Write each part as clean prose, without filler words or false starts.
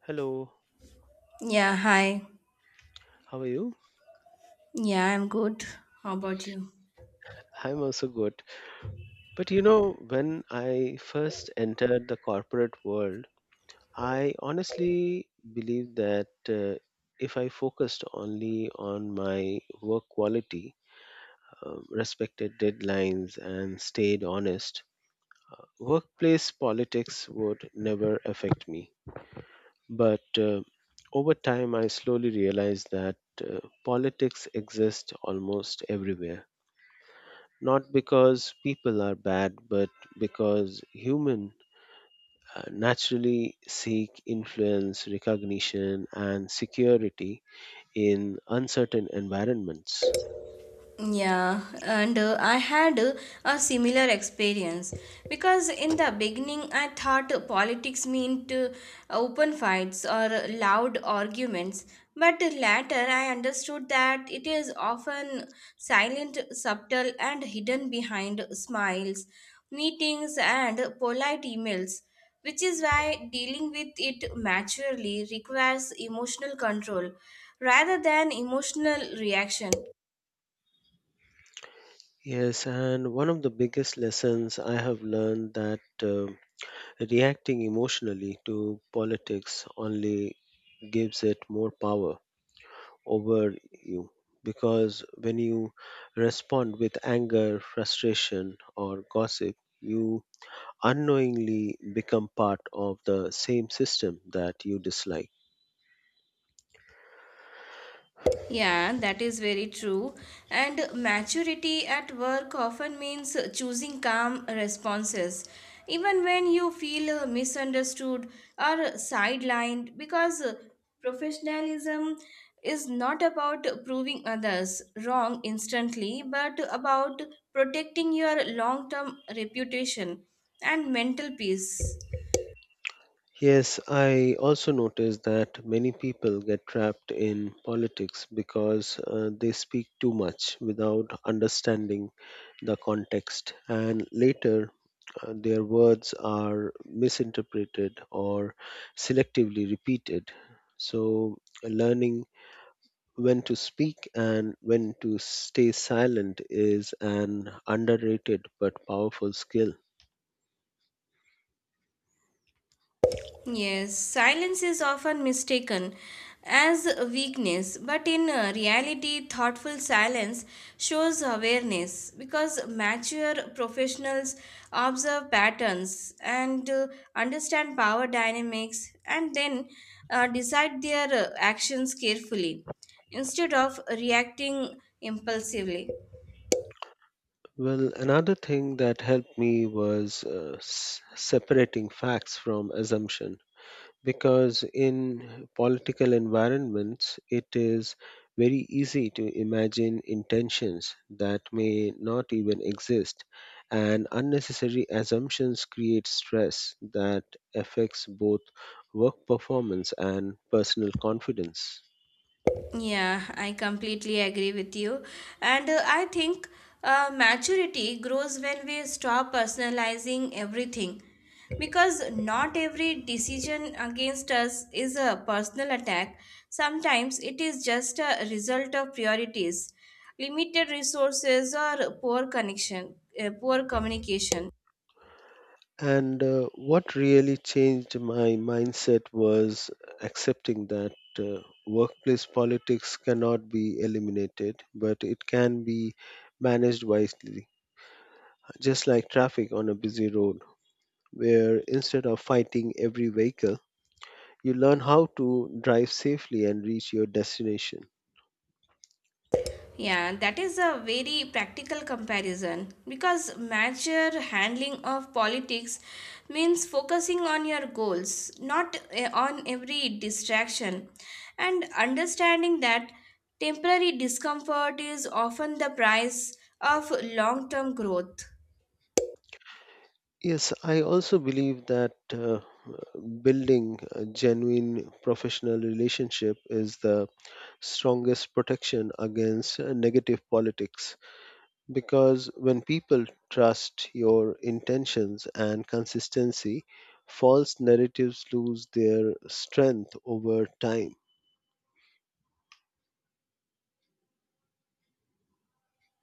Hello, Yeah, hi. how are you? Yeah, I'm good. How about you? I'm also good. But you know, when I first entered the corporate world, I honestly believe that if I focused only on my work quality, respected deadlines, and stayed honest, workplace politics would never affect me. But Over time, I slowly realized that uh, politics exist almost everywhere, not because people are bad, but because human naturally seek influence, recognition, and security in uncertain environments. Yeah, and I had a similar experience because in the beginning I thought politics meant open fights or loud arguments, but later I understood that it is often silent, subtle, and hidden behind smiles, meetings, and polite emails, which is why dealing with it maturely requires emotional control rather than emotional reaction. Yes, and one of the biggest lessons I have learned that reacting emotionally to politics only gives it more power over you. Because when you respond with anger, frustration, or gossip, you unknowingly become part of the same system that you dislike. Yeah, that is very true. And maturity at work often means choosing calm responses, even when you feel misunderstood or sidelined, because professionalism is not about proving others wrong instantly, but about protecting your long term reputation and mental peace. Yes, I also notice that many people get trapped in politics because they speak too much without understanding the context, and later their words are misinterpreted or selectively repeated. So, learning when to speak and when to stay silent is an underrated but powerful skill. Yes, silence is often mistaken as weakness, but in reality, thoughtful silence shows awareness because mature professionals observe patterns and understand power dynamics and then decide their actions carefully instead of reacting impulsively. Well, another thing that helped me was separating facts from assumption, because in political environments it is very easy to imagine intentions that may not even exist, and unnecessary assumptions create stress that affects both work performance and personal confidence. Yeah, I completely agree with you. And I think maturity grows when we stop personalizing everything. Because not every decision against us is a personal attack. Sometimes it is just a result of priorities, limited resources, or poor connection, poor communication. And what really changed my mindset was accepting that uh, workplace politics cannot be eliminated but it can be managed wisely, just like traffic on a busy road, where instead of fighting every vehicle, you learn how to drive safely and reach your destination. Yeah, that is a very practical comparison because major handling of politics means focusing on your goals, not on every distraction, and understanding that temporary discomfort is often the price of long term growth. Yes, I also believe that building a genuine professional relationship is the strongest protection against negative politics, because when people trust your intentions and consistency, false narratives lose their strength over time.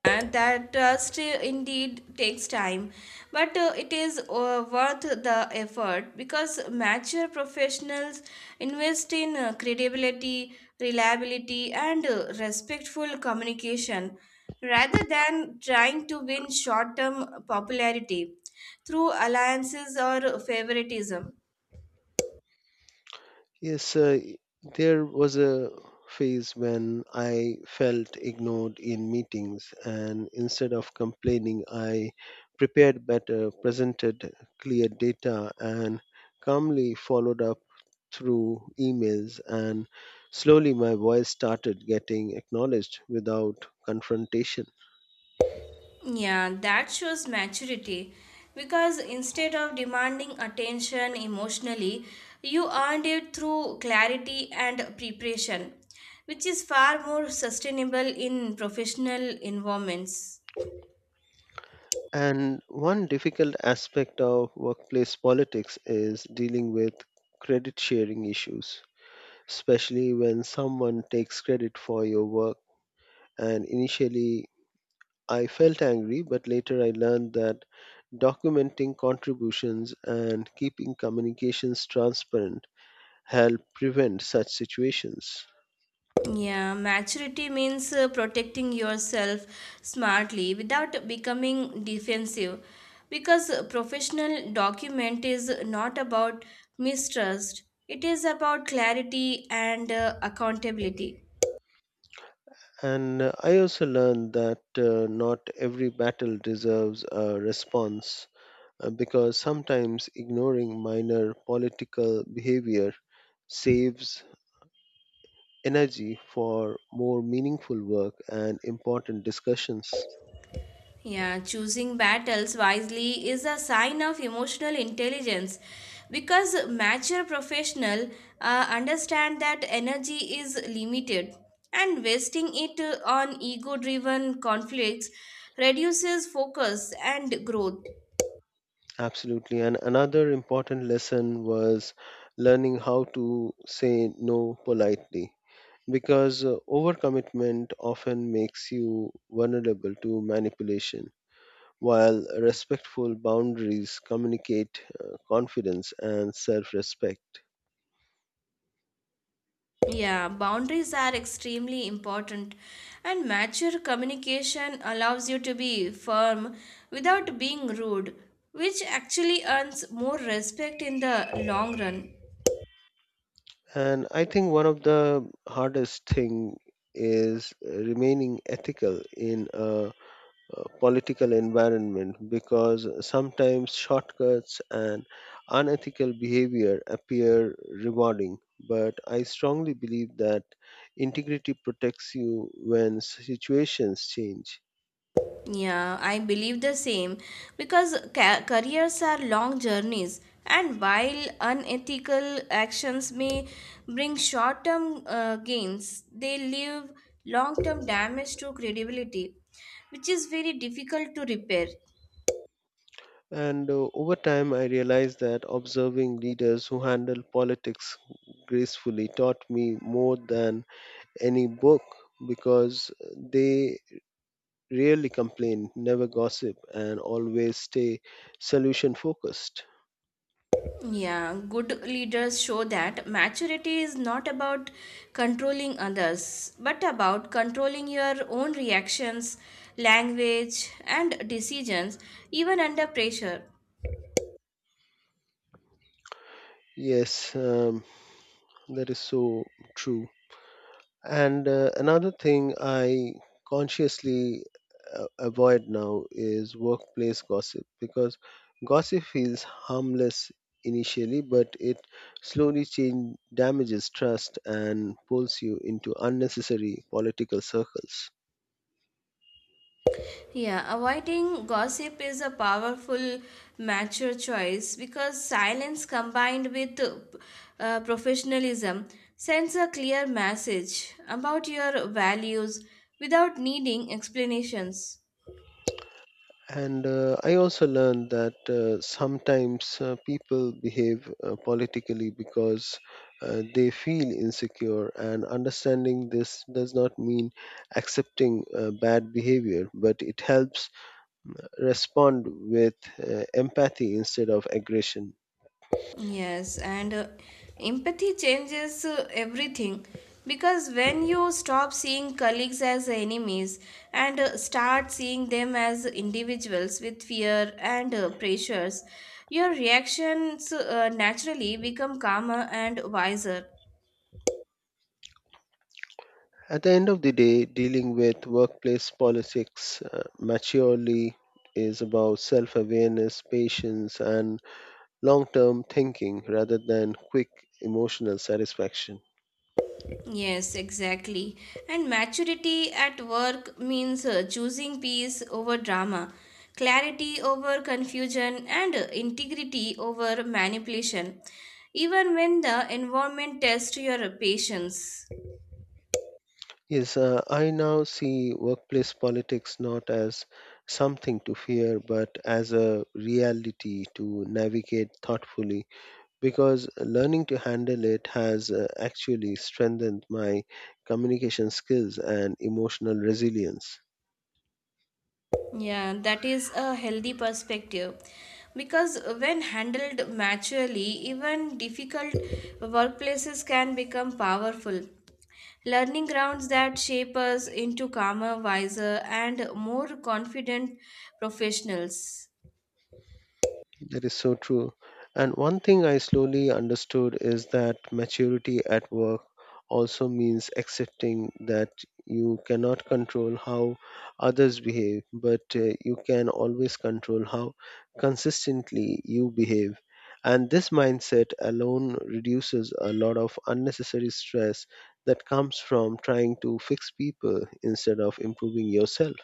That still indeed takes time but it is worth the effort because mature professionals invest in credibility reliability and respectful communication rather than trying to win short-term popularity through alliances or favoritism. Yes, there was a phase when I felt ignored in meetings, and instead of complaining, I prepared better, presented clear data, and calmly followed up through emails. And slowly, my voice started getting acknowledged without confrontation. Yeah, that shows maturity because instead of demanding attention emotionally, you earned it through clarity and preparation, which is far more sustainable in professional environments. And one difficult aspect of workplace politics is dealing with credit sharing issues, especially when someone takes credit for your work. And initially, I felt angry, but later I learned that documenting contributions and keeping communications transparent help prevent such situations. Yeah, maturity means protecting yourself smartly without becoming defensive because professional document is not about mistrust, it is about clarity and accountability. And I also learned that not every battle deserves a response, because sometimes ignoring minor political behavior saves energy for more meaningful work and important discussions. Yeah, choosing battles wisely is a sign of emotional intelligence because mature professional understand that energy is limited and wasting it on ego driven conflicts reduces focus and growth. Absolutely. And another important lesson was learning how to say no politely, because overcommitment often makes you vulnerable to manipulation, while respectful boundaries communicate confidence and self respect. Yeah, boundaries are extremely important and mature communication allows you to be firm without being rude which actually earns more respect in the long run. And I think one of the hardest thing is remaining ethical in a political environment, because sometimes shortcuts and unethical behavior appear rewarding. But I strongly believe that integrity protects you when situations change. Yeah, I believe the same because careers are long journeys, and while unethical actions may bring short term gains, they leave long term damage to credibility, which is very difficult to repair. And over time, I realized that observing leaders who handle politics gracefully taught me more than any book, because they rarely complain, never gossip, and always stay solution focused. Yeah, good leaders show that maturity is not about controlling others, but about controlling your own reactions, language, and decisions, even under pressure. Yes, that is so true. And another thing I consciously avoid now is workplace gossip, because gossip feels harmless initially, but it slowly change, damages trust and pulls you into unnecessary political circles. Yeah, avoiding gossip is a powerful, mature choice because silence combined with professionalism sends a clear message about your values without needing explanations. And I also learned that sometimes people behave politically because they feel insecure, and understanding this does not mean accepting bad behavior, but it helps respond with empathy instead of aggression. Yes, and empathy changes everything because when you stop seeing colleagues as enemies and start seeing them as individuals with fear and pressures, your reactions naturally become calmer and wiser. At the end of the day, dealing with workplace politics maturely is about self awareness, patience, and long term thinking rather than quick emotional satisfaction. Yes, exactly. And maturity at work means choosing peace over drama, clarity over confusion, and integrity over manipulation, even when the environment tests your patience. Yes, I now see workplace politics not as something to fear, but as a reality to navigate thoughtfully, because learning to handle it has actually strengthened my communication skills and emotional resilience. Yeah, that is a healthy perspective because when handled maturely, even difficult workplaces can become powerful. Learning grounds that shape us into calmer, wiser, and more confident professionals. That is so true. And one thing I slowly understood is that maturity at work also means accepting that you cannot control how others behave, but you can always control how consistently you behave. And this mindset alone reduces a lot of unnecessary stress that comes from trying to fix people instead of improving yourself.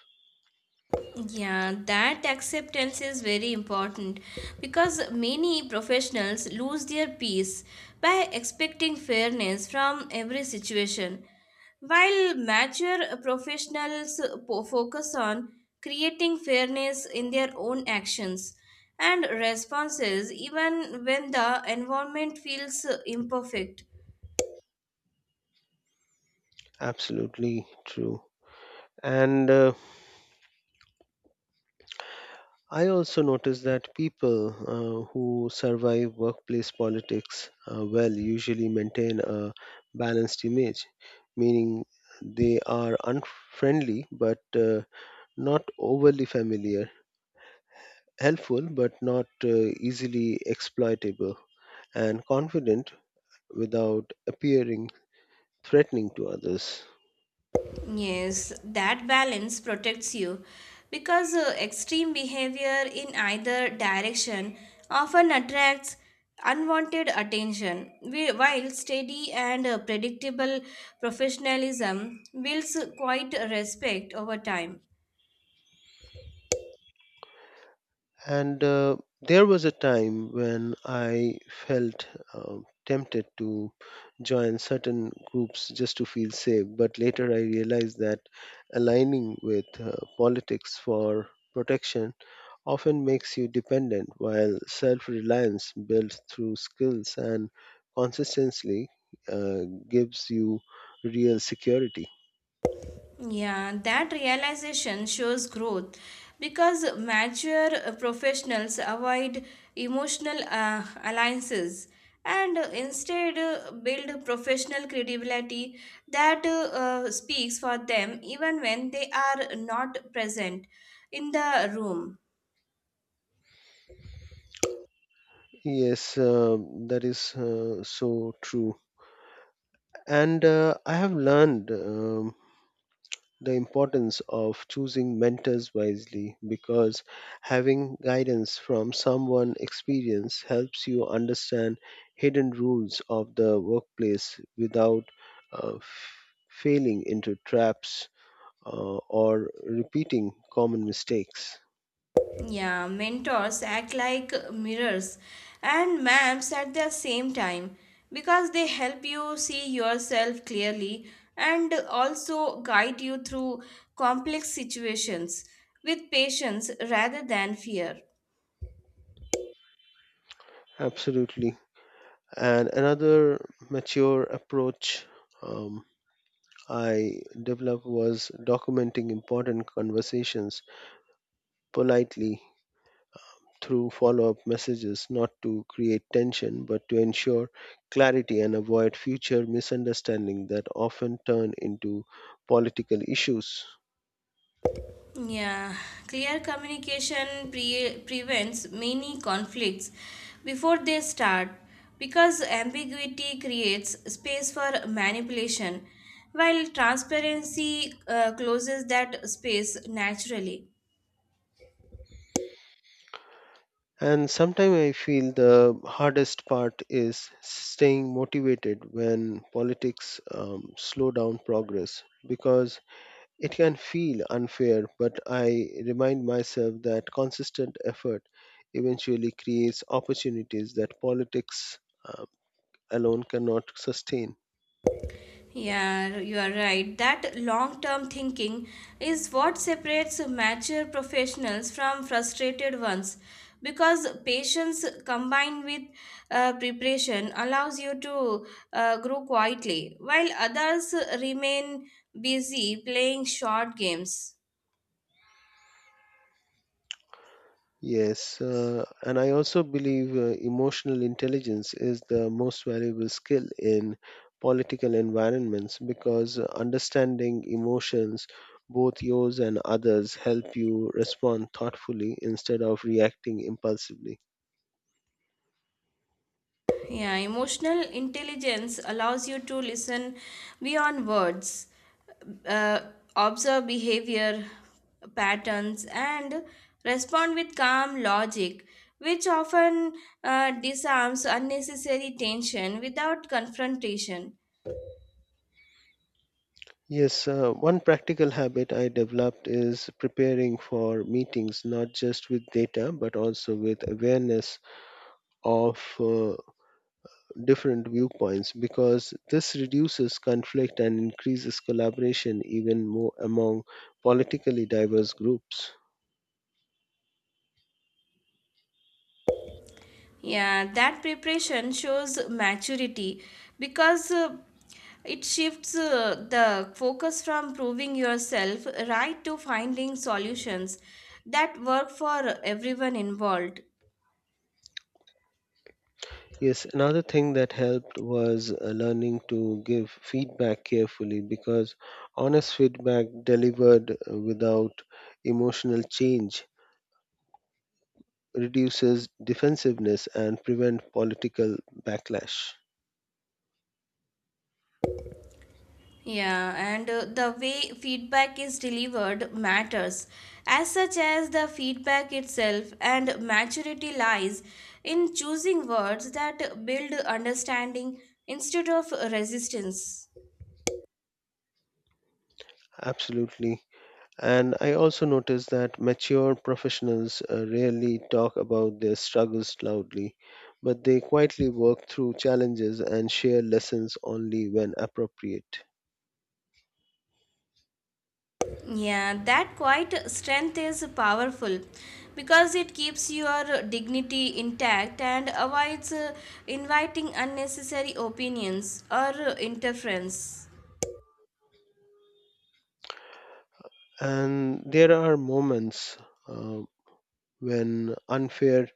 Yeah, that acceptance is very important because many professionals lose their peace by expecting fairness from every situation. While mature professionals focus on creating fairness in their own actions and responses, even when the environment feels imperfect. Absolutely true. And I also notice that people who survive workplace politics well usually maintain a balanced image, meaning they are unfriendly but not overly familiar, helpful but not easily exploitable, and confident without appearing threatening to others. Yes, that balance protects you because extreme behavior in either direction often attracts unwanted attention, while steady and predictable professionalism builds quite respect over time. And there was a time when I felt uh, tempted to join certain groups just to feel safe, but later I realized that aligning with politics for protection often makes you dependent, while self reliance built through skills and consistency uh, gives you real security. Yeah, that realization shows growth because mature professionals avoid emotional alliances and instead build professional credibility that speaks for them even when they are not present in the room. Yes, that is so true. And I have learned the importance of choosing mentors wisely, because having guidance from someone experienced helps you understand hidden rules of the workplace without uh, f- failing into traps, or repeating common mistakes. Yeah, mentors act like mirrors and maps at the same time because they help you see yourself clearly and also guide you through complex situations with patience rather than fear. Absolutely. And another mature approach, um, I developed was documenting important conversations politely through follow up messages, not to create tension, but to ensure clarity and avoid future misunderstandings that often turn into political issues. Yeah, clear communication prevents many conflicts before they start because ambiguity creates space for manipulation, while transparency closes that space naturally. And sometimes I feel the hardest part is staying motivated when politics slow down progress, because it can feel unfair. But I remind myself that consistent effort eventually creates opportunities that politics uh, alone cannot sustain. Yeah, you are right. That long term thinking is what separates mature professionals from frustrated ones because patience combined with preparation allows you to grow quietly while others remain busy playing short games. Yes, and I also believe emotional intelligence is the most valuable skill in political environments, because understanding emotions, both yours and others, help you respond thoughtfully instead of reacting impulsively. Yeah, emotional intelligence allows you to listen beyond words, uh, observe behavior patterns, and respond with calm logic, which often disarms unnecessary tension without confrontation. Yes, one practical habit I developed is preparing for meetings not just with data but also with awareness of different viewpoints, because this reduces conflict and increases collaboration even more among politically diverse groups. Yeah, that preparation shows maturity because it shifts the focus from proving yourself right to finding solutions that work for everyone involved. Yes, another thing that helped was learning to give feedback carefully, because honest feedback delivered without emotional change reduces defensiveness and prevent political backlash. Yeah, and the way feedback is delivered matters, as such as the feedback itself, and maturity lies in choosing words that build understanding instead of resistance. Absolutely. And I also notice that mature professionals rarely talk about their struggles loudly, but they quietly work through challenges and share lessons only when appropriate. Yeah, that quiet strength is powerful because it keeps your dignity intact and avoids inviting unnecessary opinions or interference. And there are moments uh, when unfair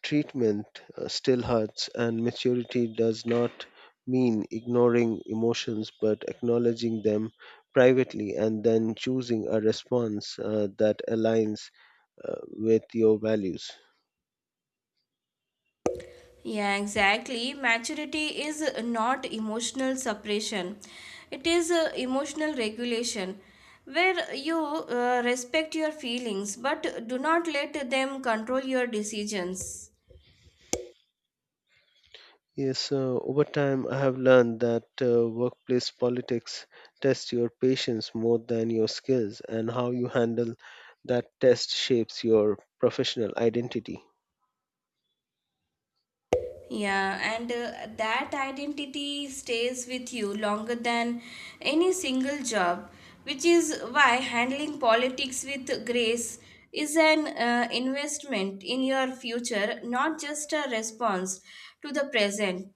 treatment still hurts, and maturity does not mean ignoring emotions but acknowledging them privately and then choosing a response that aligns with your values. Yeah, exactly. Maturity is not emotional suppression, it is emotional regulation where you respect your feelings but do not let them control your decisions. Yes, over time, I have learned that workplace politics tests your patience more than your skills, and how you handle that test shapes your professional identity. Yeah, and that identity stays with you longer than any single job, which is why handling politics with grace is an investment in your future, not just a response to the present.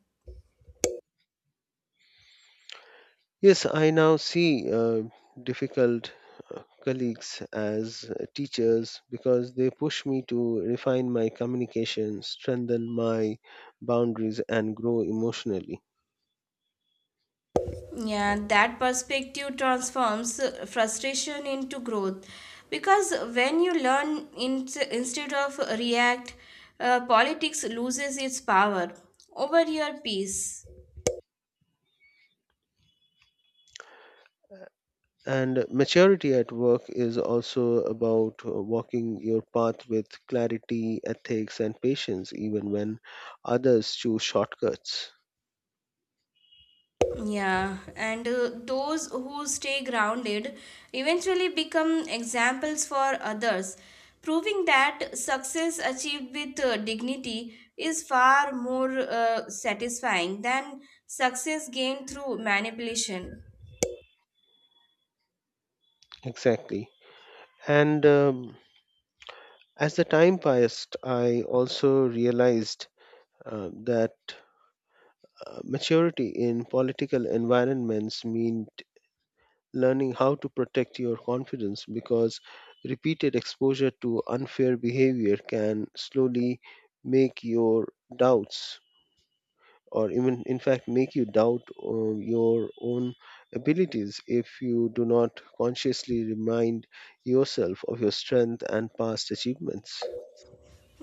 Yes, I now see difficult colleagues as teachers, because they push me to refine my communication, strengthen my boundaries, and grow emotionally. Yeah, that perspective transforms frustration into growth because when you learn in, instead of react, politics loses its power over your peace. And maturity at work is also about walking your path with clarity, ethics, and patience, even when others choose shortcuts. Yeah, and those who stay grounded eventually become examples for others, proving that success achieved with dignity is far more satisfying than success gained through manipulation. Exactly. And as the time passed, I also realized that maturity in political environments meant learning how to protect your confidence, because repeated exposure to unfair behavior can slowly make your doubts, or even in fact make you doubt your own abilities if you do not consciously remind yourself of your strength and past achievements.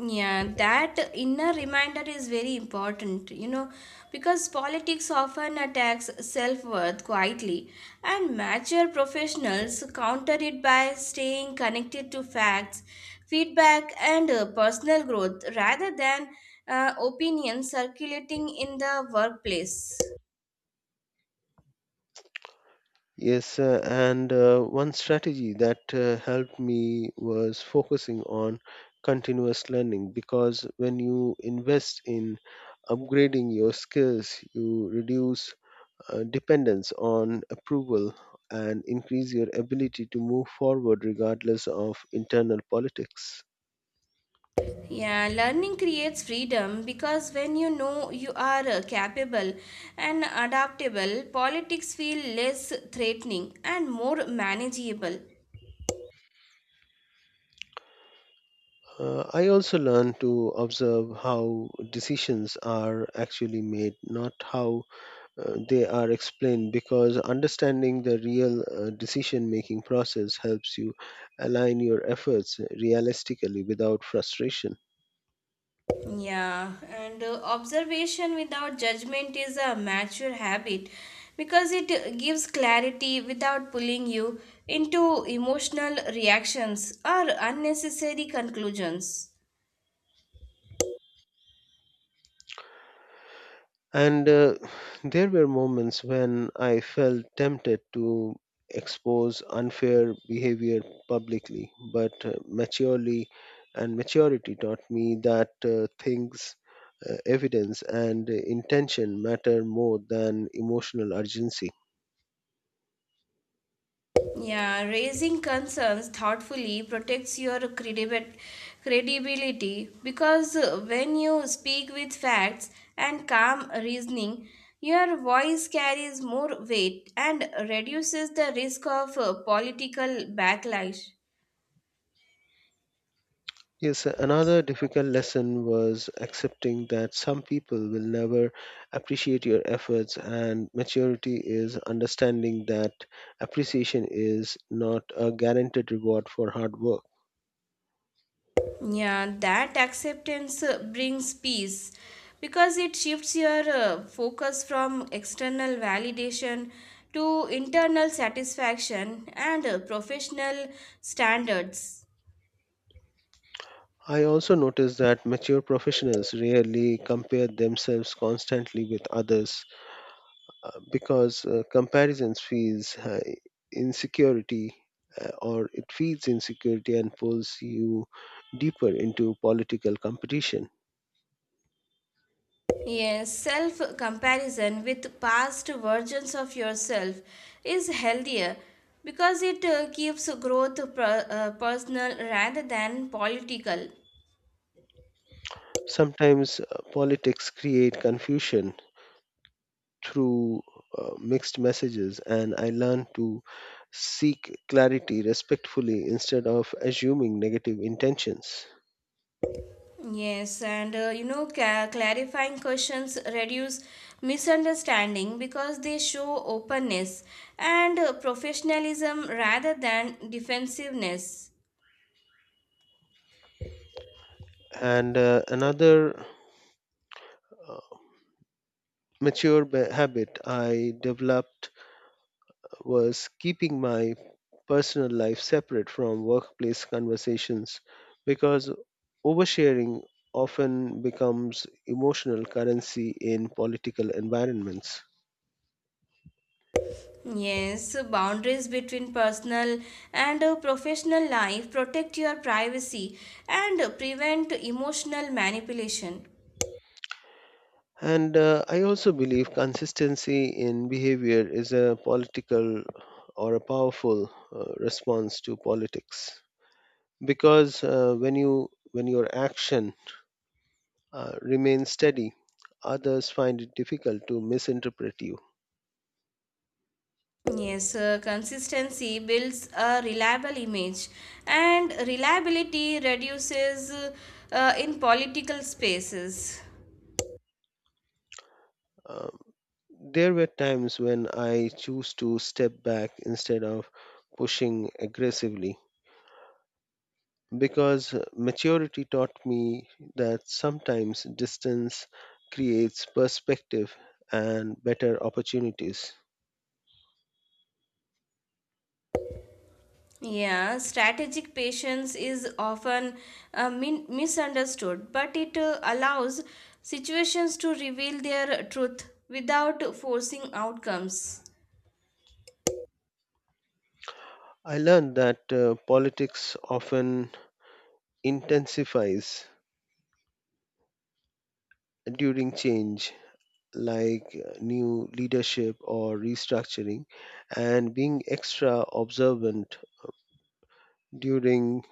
Yeah, that inner reminder is very important, you know, because politics often attacks self worth quietly, and mature professionals counter it by staying connected to facts, feedback, and personal growth rather than opinions circulating in the workplace. Yes, and one strategy that helped me was focusing on continuous learning, because when you invest in upgrading your skills you reduce dependence on approval and increase your ability to move forward regardless of internal politics. Yeah, learning creates freedom because when you know you are capable and adaptable, politics feel less threatening and more manageable. I also learned to observe how decisions are actually made, not how they are explained, because understanding the real decision making process helps you align your efforts realistically without frustration. Yeah, and observation without judgment is a mature habit because it gives clarity without pulling you into emotional reactions or unnecessary conclusions. And there were moments when I felt tempted to expose unfair behavior publicly, but maturely and maturity taught me that things, evidence, and intention matter more than emotional urgency. Yeah, raising concerns thoughtfully protects your credibility because when you speak with facts and calm reasoning, your voice carries more weight and reduces the risk of political backlash. Yes, another difficult lesson was accepting that some people will never appreciate your efforts, and maturity is understanding that appreciation is not a guaranteed reward for hard work. Yeah, that acceptance brings peace because it shifts your focus from external validation to internal satisfaction and professional standards. I also noticed that mature professionals rarely compare themselves constantly with others, because comparisons feels insecurity or it feeds insecurity and pulls you deeper into political competition. Yes, self comparison with past versions of yourself is healthier because it keeps growth personal rather than political. Sometimes politics create confusion through mixed messages, and I learn to seek clarity respectfully instead of assuming negative intentions. Yes, and you know, clarifying questions reduce misunderstanding because they show openness and professionalism rather than defensiveness. And uh, another uh, mature ba- habit I developed was keeping my personal life separate from workplace conversations, because oversharing often becomes emotional currency in political environments. Yes, boundaries between personal and professional life protect your privacy and prevent emotional manipulation. And I also believe consistency in behavior is a political or a powerful response to politics, because when your action remains steady, others find it difficult to misinterpret you. Yes, consistency builds a reliable image, and reliability reduces in political spaces. Um, there were times when I choose to step back instead of pushing aggressively, because maturity taught me that sometimes distance creates perspective and better opportunities. Yeah, strategic patience is often misunderstood, but it allows situations to reveal their truth without forcing outcomes. I learned that politics often intensifies during change, like new leadership or restructuring, and being extra observant during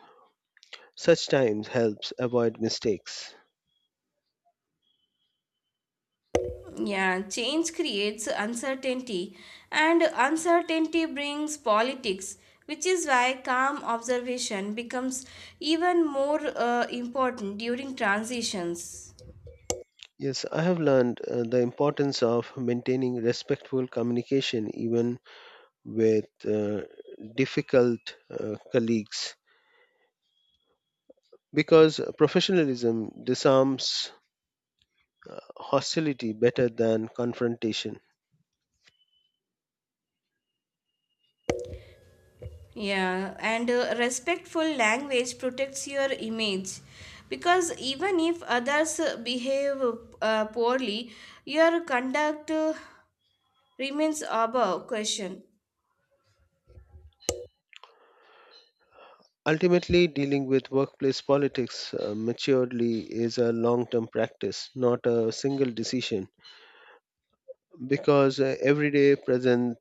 such times helps avoid mistakes. Yeah, change creates uncertainty, and uncertainty brings politics, which is why calm observation becomes even more important during transitions. Yes, I have learned the importance of maintaining respectful communication even with difficult colleagues, because professionalism disarms hostility better than confrontation. Yeah, and respectful language protects your image because even if others behave poorly, your conduct remains above question. Ultimately, dealing with workplace politics maturely is a long term practice, not a single decision, because every day presents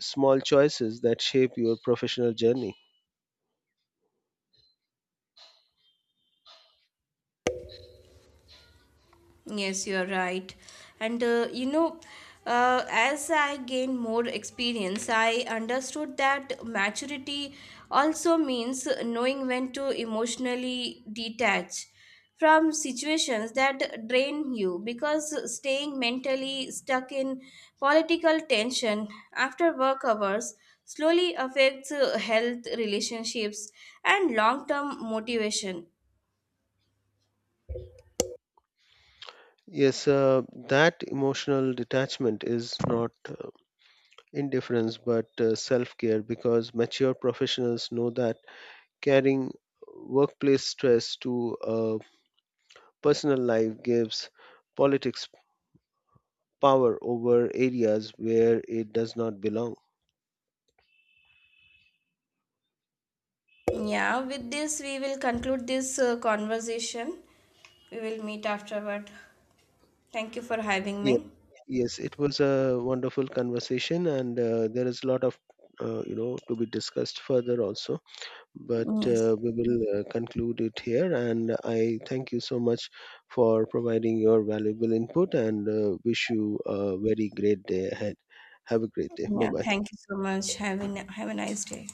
small choices that shape your professional journey. Yes, you're right. And you know, as I gained more experience, I understood that maturity also means knowing when to emotionally detach from situations that drain you because staying mentally stuck in political tension after work hours slowly affects health, relationships, and long term motivation. Yes, that emotional detachment is not indifference but self care, because mature professionals know that Carrying workplace stress to a personal life gives politics power over areas where it does not belong. Yeah, with this, we will conclude this conversation. We will meet afterward. Thank you for having Yes, me. yes, it was a wonderful conversation, and there is a lot of to be discussed further also. But Yes. uh, we will uh, conclude it here, and I thank you so much for providing your valuable input, and wish you a very great day ahead. Have a great day. Bye Yeah, bye. thank you so much. Have have a nice day.